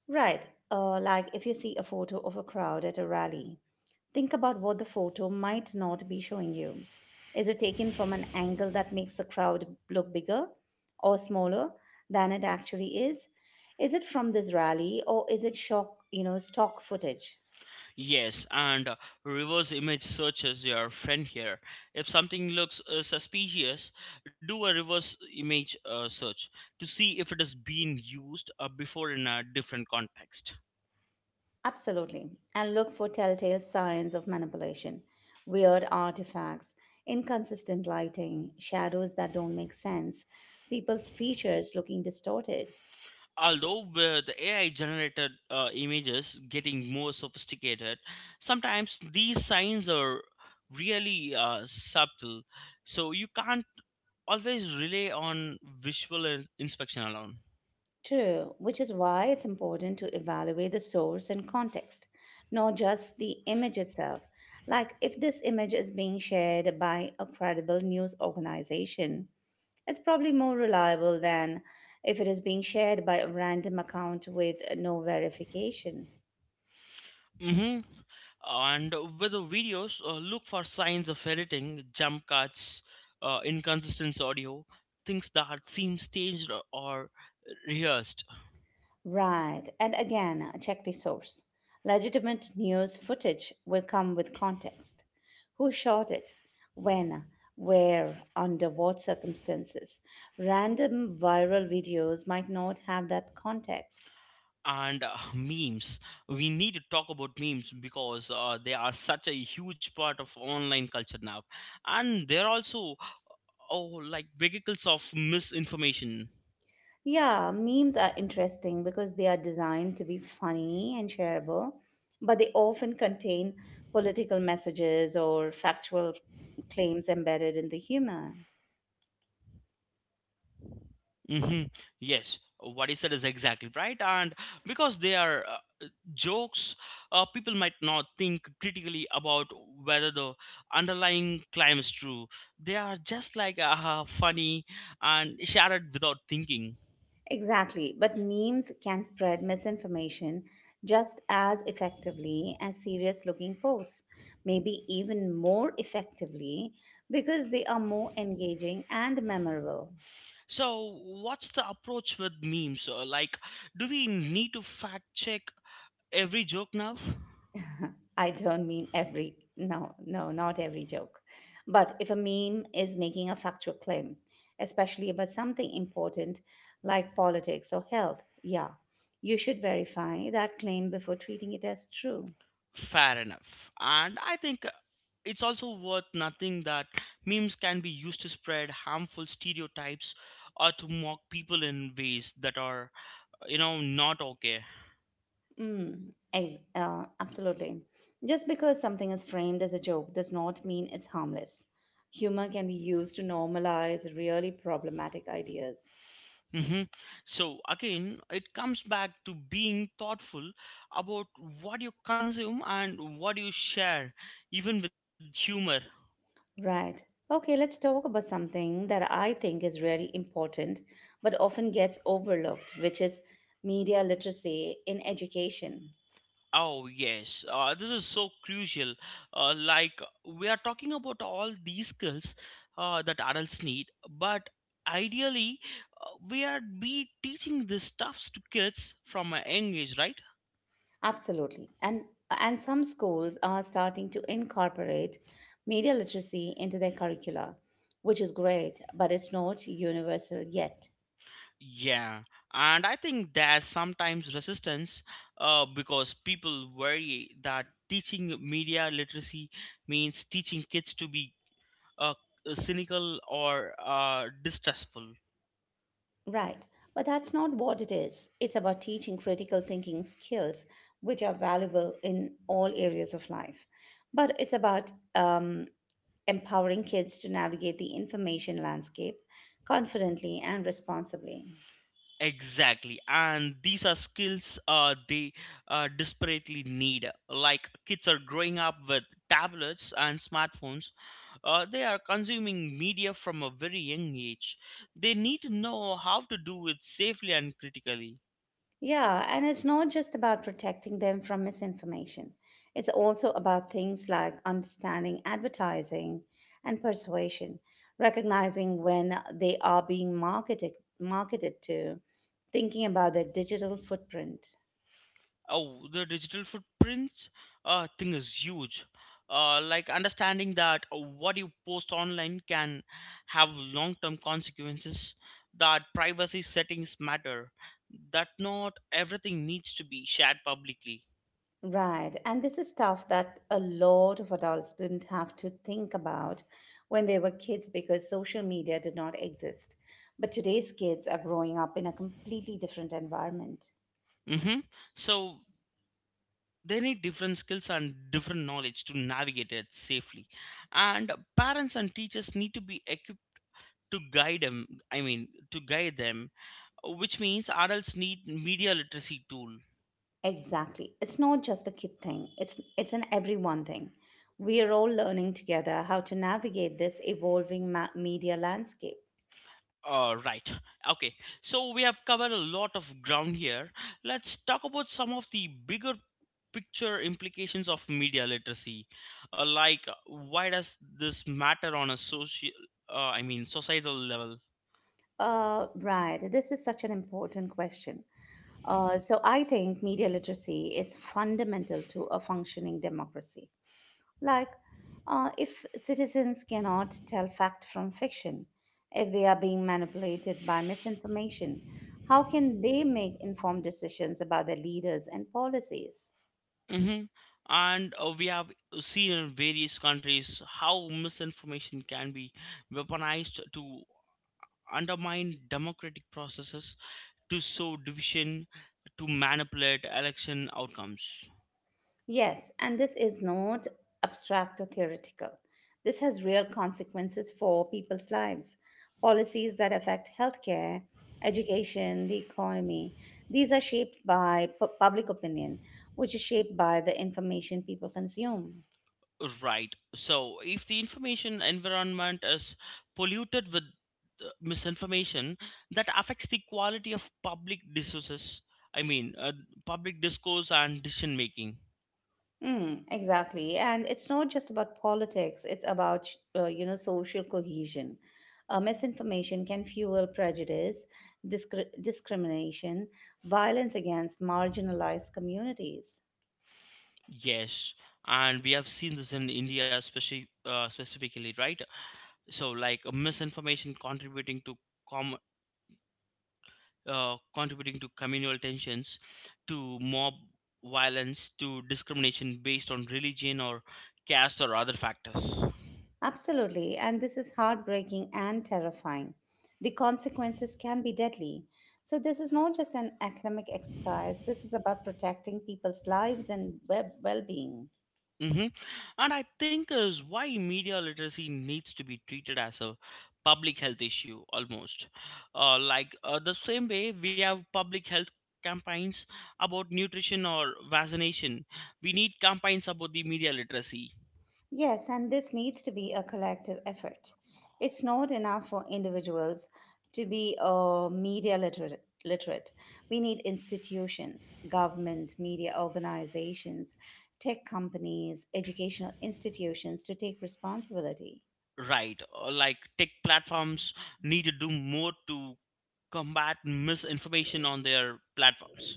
A: Right. Uh, like if you see a photo of a crowd at a rally, think about what the photo might not be showing you. Is it taken from an angle that makes the crowd look bigger or smaller than it actually is? Is it from this rally or is it shock, you know, stock footage?
B: Yes, and uh, reverse image search is your friend here. If something looks uh, suspicious, do a reverse image uh, search to see if it is being used uh, before in a different context.
A: Absolutely. And look for telltale signs of manipulation, weird artifacts, inconsistent lighting, shadows that don't make sense, people's features looking distorted.
B: Although uh, the A I generated uh, images getting more sophisticated, sometimes these signs are really uh, subtle, so you can't always rely on visual in- inspection alone.
A: True, which is why it's important to evaluate the source and context, not just the image itself. Like if this image is being shared by a credible news organization, it's probably more reliable than if it is being shared by a random account with no verification.
B: Hmm. And with the videos, uh, look for signs of editing, jump cuts, uh, inconsistent audio, things that seem staged or rehearsed.
A: Right. And again, uh, check the source. Legitimate news footage will come with context. Who shot it? When? Where? Under what circumstances? Random viral videos might not have that context.
B: And uh, memes, we need to talk about memes because uh, they are such a huge part of online culture now, and they're also, oh, like vehicles of misinformation.
A: Yeah, memes are interesting because they are designed to be funny and shareable, but they often contain political messages or factual claims embedded in the humor.
B: Hmm, yes, what he said is exactly right. And because they are uh, jokes, uh, people might not think critically about whether the underlying claim is true. They are just like uh, funny and shared without thinking.
A: Exactly, but memes can spread misinformation just as effectively as serious looking posts, maybe even more effectively because they are more engaging and memorable.
B: So, what's the approach with memes? Uh, Like, do we need to fact check every joke now?
A: [LAUGHS] I don't mean every, no, no, not every joke. But if a meme is making a factual claim, especially about something important like politics or health, yeah, you should verify that claim before treating it as true.
B: Fair enough. And I think uh, it's also worth noting that memes can be used to spread harmful stereotypes or to mock people in ways that are, you know, not okay.
A: Mm, ex- uh, absolutely. Just because something is framed as a joke does not mean it's harmless. Humor can be used to normalize really problematic ideas.
B: Hmm. So, again, it comes back to being thoughtful about what you consume and what you share, even with humor.
A: Right. Okay, let's talk about something that I think is really important but often gets overlooked, which is media literacy in education.
B: Oh, yes. Uh, this is so crucial. Uh, like, we are talking about all these skills uh, that adults need, but ideally, uh, we are be teaching these stuffs to kids from a young age, right?
A: Absolutely. And and some schools are starting to incorporate media literacy into their curricula, which is great, but it's not universal yet.
B: Yeah. And I think there's sometimes resistance uh, because people worry that teaching media literacy means teaching kids to be uh, cynical or uh, distrustful.
A: Right. But that's not what it is. It's about teaching critical thinking skills, which are valuable in all areas of life. But it's about um, empowering kids to navigate the information landscape confidently and responsibly.
B: Exactly, and these are skills uh, they uh, desperately need. Like, kids are growing up with tablets and smartphones, uh, they are consuming media from a very young age. They need to know how to do it safely and critically.
A: Yeah, and it's not just about protecting them from misinformation. It's also about things like understanding advertising and persuasion, recognizing when they are being marketed marketed to, thinking about their digital footprint.
B: Oh, the digital footprint uh, thing is huge. Uh, like understanding that what you post online can have long-term consequences. That privacy settings matter. That not everything needs to be shared publicly.
A: Right, and this is stuff that a lot of adults didn't have to think about when they were kids because social media did not exist. But today's kids are growing up in a completely different environment.
B: Mm-hmm. So they need different skills and different knowledge to navigate it safely. And parents and teachers need to be equipped to guide them. I mean, to guide them, which means adults need media literacy tool.
A: Exactly. It's not just a kid thing. It's it's an everyone thing. We are all learning together how to navigate this evolving ma- media landscape.
B: Uh, right. Okay. So we have covered a lot of ground here. Let's talk about some of the bigger picture implications of media literacy. Uh, like, uh, Why does this matter on a social, uh, I mean, societal level?
A: Uh, right. This is such an important question. Uh, so I think media literacy is fundamental to a functioning democracy. Like, uh, if citizens cannot tell fact from fiction, if they are being manipulated by misinformation, how can they make informed decisions about their leaders and policies?
B: Hmm. And uh, we have seen in various countries how misinformation can be weaponized to undermine democratic processes, to sow division, to manipulate election outcomes.
A: Yes, and this is not abstract or theoretical. This has real consequences for people's lives. Policies that affect healthcare, education, the economy, these are shaped by pu- public opinion, which is shaped by the information people consume.
B: Right. So, if the information environment is polluted with uh, misinformation, that affects the quality of public discourses. I mean, uh, public discourse and decision making.
A: Mm, exactly. And it's not just about politics, it's about, uh, you know, social cohesion. Uh, misinformation can fuel prejudice, discri- discrimination, violence against marginalized communities.
B: Yes, and we have seen this in India, especially uh, specifically, right? So, like uh, misinformation contributing to com uh, contributing to communal tensions, to mob violence, to discrimination based on religion or caste or other factors.
A: Absolutely. And this is heartbreaking and terrifying. The consequences can be deadly. So, this is not just an academic exercise, this is about protecting people's lives and well being.
B: Mm-hmm. And I think is why media literacy needs to be treated as a public health issue almost. Uh, like uh, the same way we have public health campaigns about nutrition or vaccination, we need campaigns about the media literacy.
A: Yes, and this needs to be a collective effort. It's not enough for individuals to be uh, media literate. Literate. We need institutions, government, media organizations, tech companies, educational institutions to take responsibility.
B: Right, uh, like tech platforms need to do more to combat misinformation on their platforms.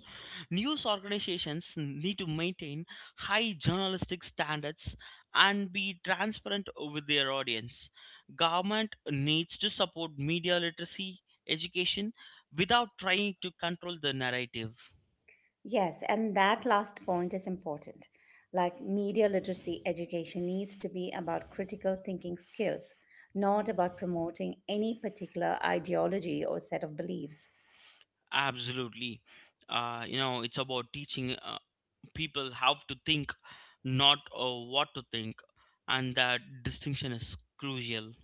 B: News organizations need to maintain high journalistic standards and be transparent with their audience. Government needs to support media literacy education without trying to control the narrative.
A: Yes, and that last point is important. Like media literacy education needs to be about critical thinking skills, not about promoting any particular ideology or set of beliefs.
B: Absolutely. Uh, you know, it's about teaching uh, people how to think, not uh, what to think, and that distinction is crucial.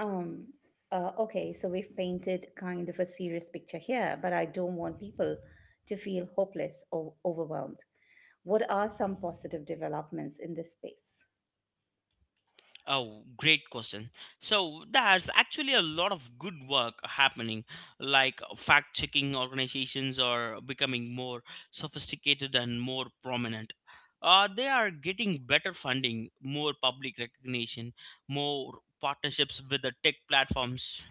A: Um, uh, okay, so we've painted kind of a serious picture here, but I don't want people to feel hopeless or overwhelmed. What are some positive developments in this space?
B: Oh, great question. So there's actually a lot of good work happening, like fact checking organizations are becoming more sophisticated and more prominent. Uh, they are getting better funding, more public recognition, more partnerships with the tech platforms.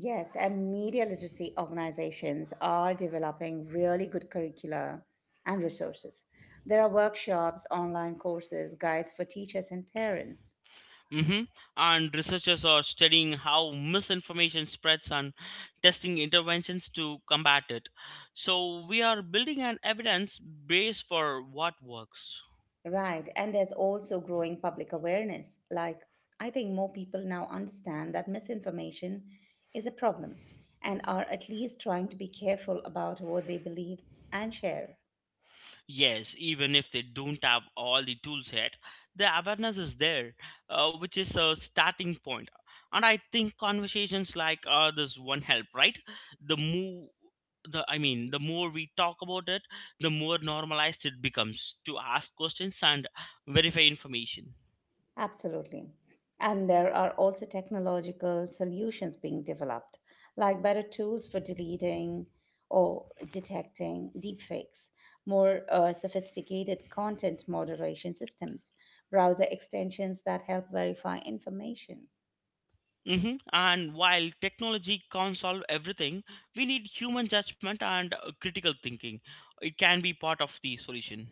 A: Yes, and media literacy organizations are developing really good curricula and resources. There are workshops, online courses, guides for teachers and parents.
B: Hmm. And researchers are studying how misinformation spreads and testing interventions to combat it. So we are building an evidence base for what works.
A: Right, and there's also growing public awareness. Like, I think more people now understand that misinformation is a problem and are at least trying to be careful about what they believe and share.
B: Yes, even if they don't have all the tools yet, the awareness is there, uh, which is a starting point. And I think conversations like uh, this one help, right? The more, the I mean, the more we talk about it, the more normalized it becomes to ask questions and verify information.
A: Absolutely. And there are also technological solutions being developed, like better tools for deleting or detecting deepfakes, more uh, sophisticated content moderation systems, browser extensions that help verify information.
B: hmm And while technology can't solve everything, we need human judgment and uh, critical thinking. It can be part of the solution.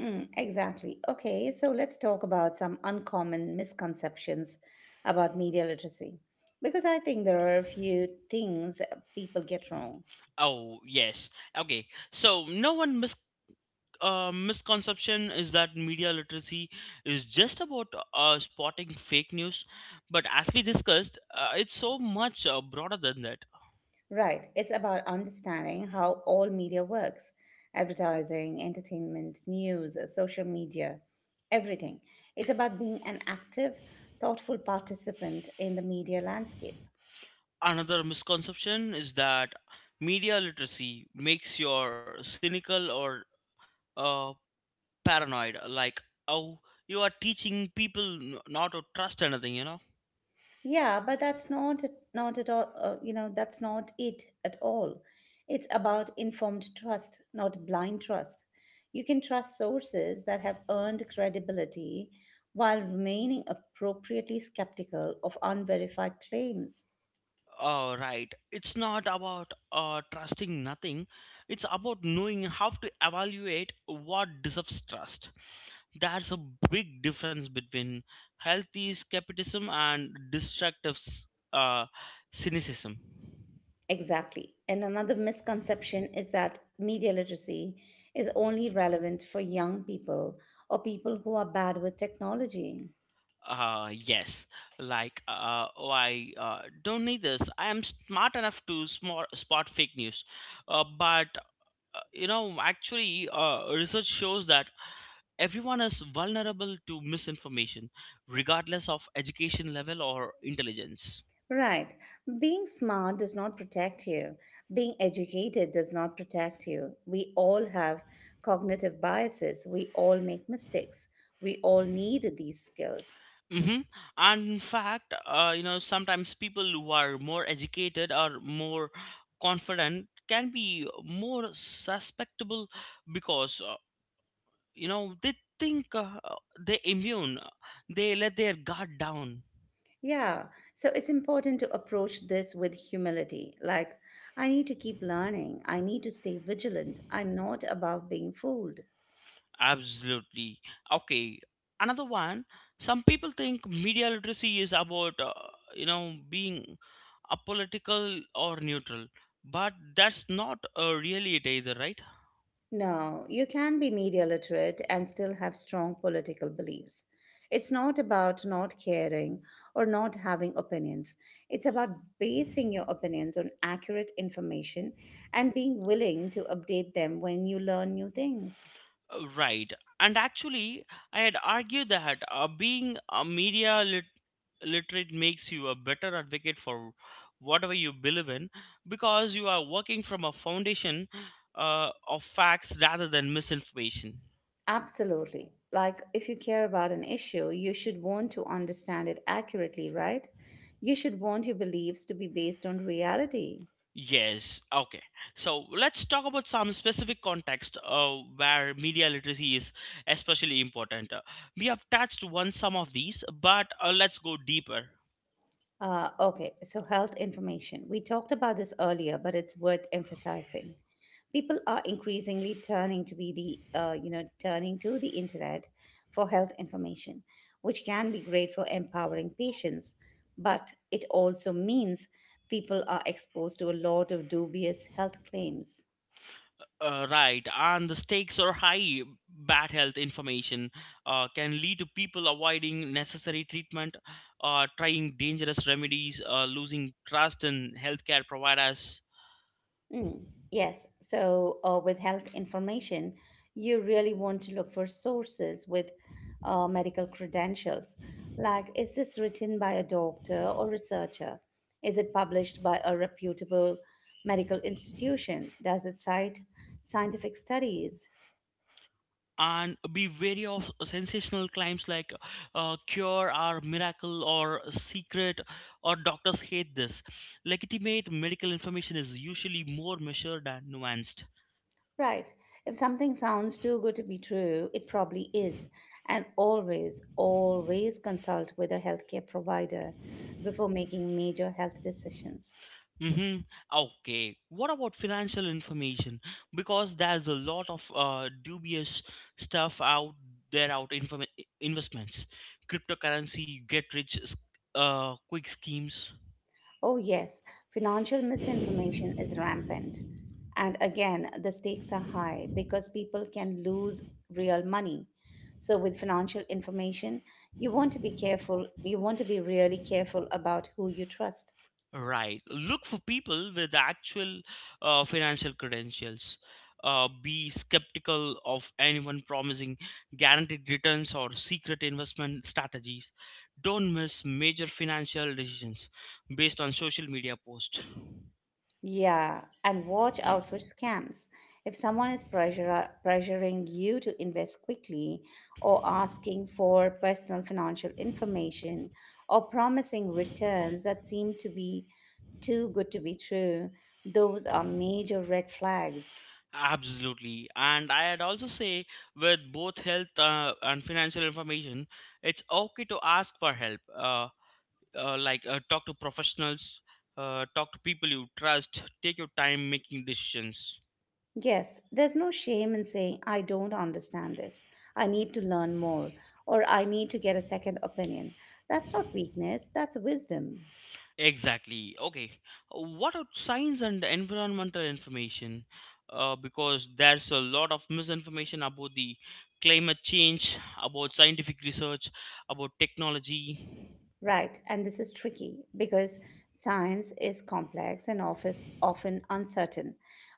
A: Mm, exactly. Okay, so let's talk about some uncommon misconceptions about media literacy because I think there are a few things people get wrong.
B: Oh, yes. Okay. So, no one mis- uh, misconception is that media literacy is just about uh, spotting fake news. But as we discussed, uh, it's so much uh, broader than that.
A: Right, it's about understanding how all media works: advertising, entertainment, news, social media, everything. It's about being an active, thoughtful participant in the media landscape.
B: Another misconception is that media literacy makes you cynical or uh, paranoid. Like, oh, you are teaching people n- not to trust anything, you know?
A: Yeah, but that's not not at all. Uh, you know, that's not it at all. It's about informed trust, not blind trust. You can trust sources that have earned credibility while remaining appropriately skeptical of unverified claims.
B: Uh, right, it's not about uh, trusting nothing, it's about knowing how to evaluate what deserves trust. That's a big difference between healthy skepticism and destructive s- uh, cynicism.
A: Exactly. And another misconception is that media literacy is only relevant for young people or people who are bad with technology.
B: Uh yes, like uh oh i uh, don't need this, I am smart enough to smart, spot fake news. Uh, but uh, you know actually uh, research shows that everyone is vulnerable to misinformation, regardless of education level or intelligence.
A: Right. Being smart does not protect you. Being educated does not protect you. We all have cognitive biases. We all make mistakes. We all need these skills.
B: Mm-hmm. And in fact, uh, you know, sometimes people who are more educated or more confident can be more susceptible because, uh, you know, they think uh, they immune, they let their guard down.
A: Yeah. So it's important to approach this with humility. Like, I need to keep learning. I need to stay vigilant. I'm not above being fooled.
B: Absolutely. Okay. Another one, some people think media literacy is about, uh, you know, being apolitical or neutral, but that's not uh, really it either, right?
A: No, you can be media literate and still have strong political beliefs. It's not about not caring or not having opinions. It's about basing your opinions on accurate information and being willing to update them when you learn new things.
B: Uh, right, and actually I had argued that uh, being a media lit- literate makes you a better advocate for whatever you believe in because you are working from a foundation uh, of facts rather than misinformation.
A: Absolutely. Like, if you care about an issue, you should want to understand it accurately, right? You should want your beliefs to be based on reality.
B: Yes, okay. So let's talk about some specific context uh, where media literacy is especially important. Uh, we have touched on some of these, but uh, let's go deeper.
A: Uh, okay, so health information. We talked about this earlier, but it's worth emphasizing. People are increasingly turning to be the uh, you know turning to the internet for health information, which can be great for empowering patients, but it also means people are exposed to a lot of dubious health claims.
B: Uh, right, and the stakes are high. Bad health information uh, can lead to people avoiding necessary treatment, uh, trying dangerous remedies, uh, losing trust in healthcare providers,
A: Mm, yes. So, uh, with health information, you really want to look for sources with uh, medical credentials. Like, is this written by a doctor or researcher? Is it published by a reputable medical institution? Does it cite scientific studies?
B: and be wary of sensational claims like uh, cure or miracle or secret or doctors hate this. Legitimate medical information is usually more measured and nuanced.
A: Right. If something sounds too good to be true, it probably is. And always, always consult with a healthcare provider before making major health decisions.
B: Mm-hmm. Okay, what about financial information, because there's a lot of uh, dubious stuff out there out inform- investments, cryptocurrency, get rich uh, quick schemes.
A: Oh, yes, financial misinformation is rampant. And again, the stakes are high because people can lose real money. So, with financial information, you want to be careful. You want to be really careful about who you trust.
B: Right. Look for people with actual uh, financial credentials. Uh, be skeptical of anyone promising guaranteed returns or secret investment strategies. Don't miss major financial decisions based on social media posts.
A: Yeah, and watch out for scams. If someone is pressure, pressuring you to invest quickly, or asking for personal financial information, or promising returns that seem to be too good to be true, those are major red flags.
B: Absolutely. And I'd also say, with both health uh, and financial information, it's okay to ask for help. Uh, uh, like uh, talk to professionals, uh, talk to people you trust, take your time making decisions.
A: Yes, there's no shame in saying, I don't understand this. I need to learn more, or I need to get a second opinion. That's not weakness, that's wisdom.
B: Exactly. Okay, what about science and environmental information, uh, because there's a lot of misinformation about the climate change, about scientific research, about technology.
A: Right, and this is tricky because science is complex and office often uncertain,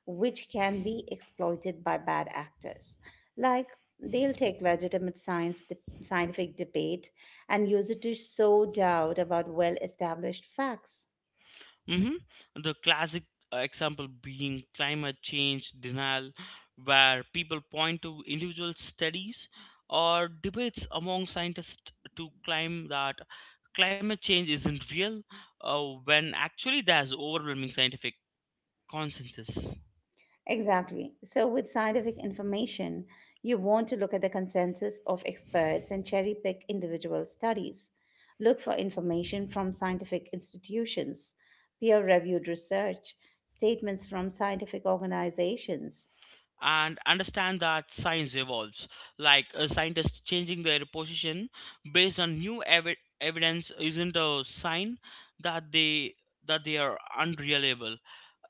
A: which can be exploited by bad actors. Like they'll take legitimate science de- scientific debate and use it to sow doubt about well-established facts.
B: Mm-hmm. The classic uh, example being climate change denial, where people point to individual studies or debates among scientists to claim that climate change isn't real, uh, when actually there's overwhelming scientific consensus.
A: Exactly. So, with scientific information, you want to look at the consensus of experts and cherry pick individual studies. Look for information from scientific institutions, peer reviewed research, statements from scientific organizations.
B: And understand that science evolves, like a scientist changing their position based on new evi- evidence isn't a sign that they that they are unreliable.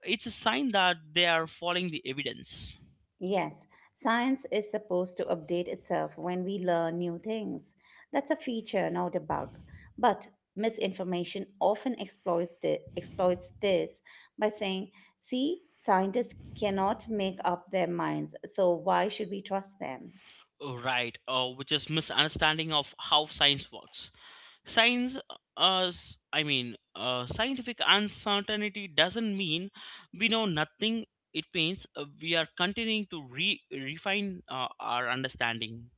B: It's a sign that they are following the evidence.
A: Yes, science is supposed to update itself when we learn new things. That's a feature, not a bug. But misinformation often exploit thi- exploits this by saying, see, scientists cannot make up their minds, so why should we trust them?
B: Oh, right, uh, which is misunderstanding of how science works. Science, uh, s- I mean, uh, Scientific uncertainty doesn't mean we know nothing. It means uh, we are continuing to re- refine uh, our understanding.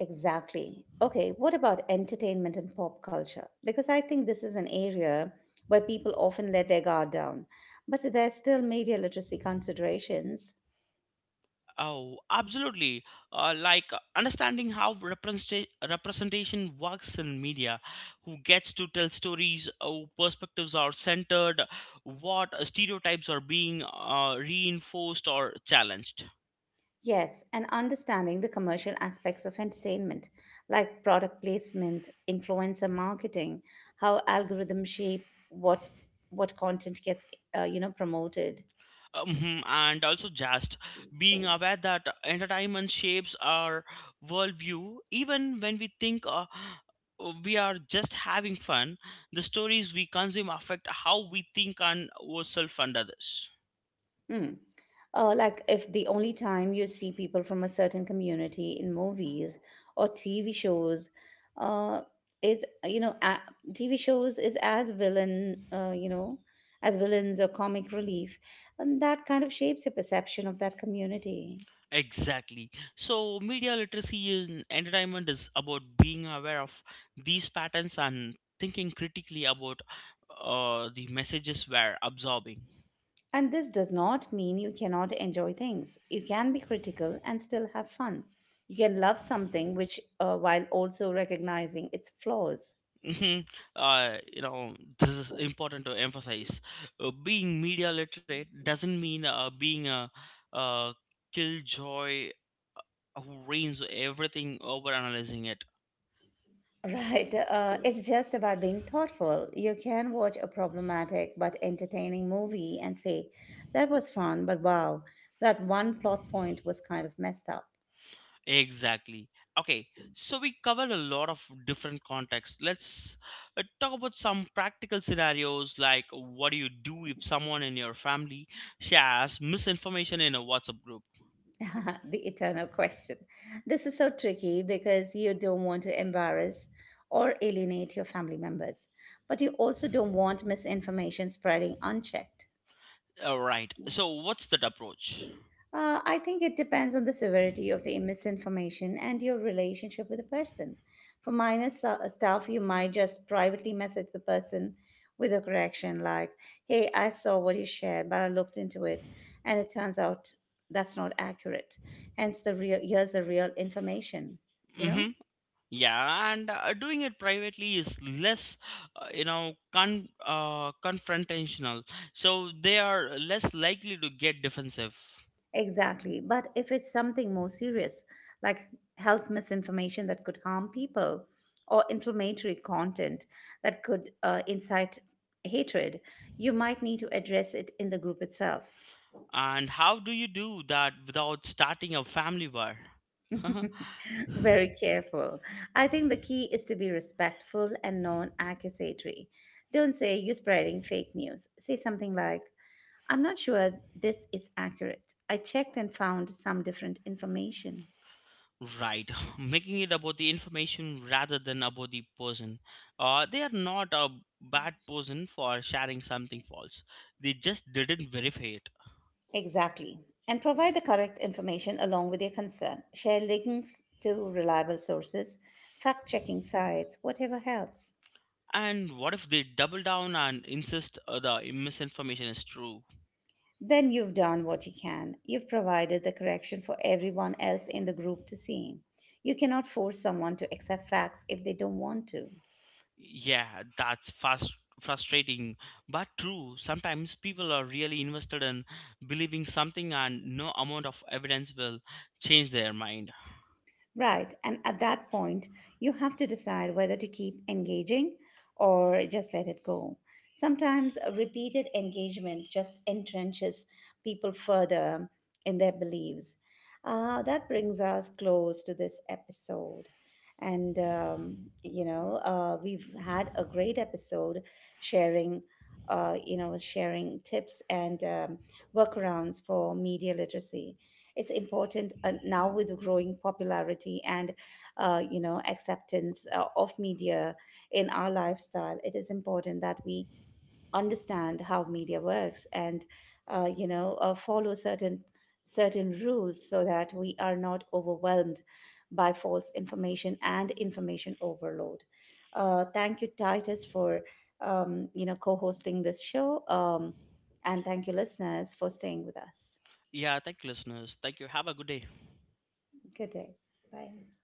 A: Exactly. Okay, what about entertainment and pop culture? Because I think this is an area where people often let their guard down, but there's still media literacy considerations.
B: Oh, absolutely. Uh, like uh, understanding how representa- representation works in media, who gets to tell stories, how perspectives are centered, what stereotypes are being uh, reinforced or challenged.
A: Yes, and understanding the commercial aspects of entertainment, like product placement, influencer marketing, how algorithms shape what what content gets uh, you know promoted.
B: Mhm, and also just being aware that entertainment shapes our worldview, even when we think uh, we are just having fun, the stories we consume affect how we think and ourselves and others.
A: Mm. Uh, like if the only time you see people from a certain community in movies or T V shows uh, is, you know, a- T V shows is as villain, uh, you know, as villains or comic relief, and that kind of shapes your perception of that community.
B: Exactly. So, media literacy in entertainment is about being aware of these patterns and thinking critically about uh, the messages we're absorbing.
A: And this does not mean you cannot enjoy things. You can be critical and still have fun. You can love something which, uh, while also recognizing its flaws.
B: Mhm. Uh, you know, this is important to emphasize. Uh, being media literate doesn't mean uh, being a, uh killjoy who reigns everything over analyzing it.
A: Right. Uh, it's just about being thoughtful. You can watch a problematic but entertaining movie and say, that was fun, but wow, that one plot point was kind of messed up.
B: Exactly. Okay, so we covered a lot of different contexts. Let's uh, talk about some practical scenarios, like what do you do if someone in your family shares misinformation in a WhatsApp group?
A: [LAUGHS] The eternal question. This is so tricky because you don't want to embarrass or alienate your family members, but you also don't want misinformation spreading unchecked.
B: All right, so what's that approach?
A: Uh, I think it depends on the severity of the misinformation and your relationship with the person. For minor so- uh, stuff, you might just privately message the person with a correction like, hey, I saw what you shared, but I looked into it, and it turns out that's not accurate. Hence, the real Here's the real information, you know?
B: Mm-hmm. Yeah, and uh, doing it privately is less, uh, you know, con- uh, confrontational. So they are less likely to get defensive.
A: Exactly. But if it's something more serious, like health misinformation that could harm people, or inflammatory content that could uh, incite hatred, you might need to address it in the group itself.
B: And how do you do that without starting a family war? [LAUGHS]
A: [LAUGHS] Very careful. I think the key is to be respectful and non accusatory. Don't say you're spreading fake news. Say something like, I'm not sure this is accurate. I checked and found some different information.
B: Right, [LAUGHS] making it about the information rather than about the person. Uh, they are not a bad person for sharing something false. They just didn't verify it.
A: Exactly. And provide the correct information along with your concern. Share links to reliable sources, fact checking sites, whatever helps.
B: And what if they double down and insist uh, the misinformation is true?
A: Then you've done what you can. You've provided the correction for everyone else in the group to see. You cannot force someone to accept facts if they don't want to.
B: Yeah, that's fast frustrating but true. Sometimes people are really invested in believing something and no amount of evidence will change their mind.
A: Right. And at that point, you have to decide whether to keep engaging or just let it go. Sometimes repeated engagement just entrenches people further in their beliefs. Uh, that brings us close to this episode. And, um, you know, uh, we've had a great episode sharing, uh, you know, sharing tips and um, workarounds for media literacy. It's important uh, now, with the growing popularity and uh, you know acceptance uh, of media in our lifestyle, it is important that we understand how media works and uh, you know uh, follow certain certain rules so that we are not overwhelmed by false information and information overload. Uh, thank you, Titus, for um, you know co-hosting this show, um, and thank you listeners for staying with us.
B: Yeah, thank you listeners. Thank you. Have a good day.
A: Good day. Bye.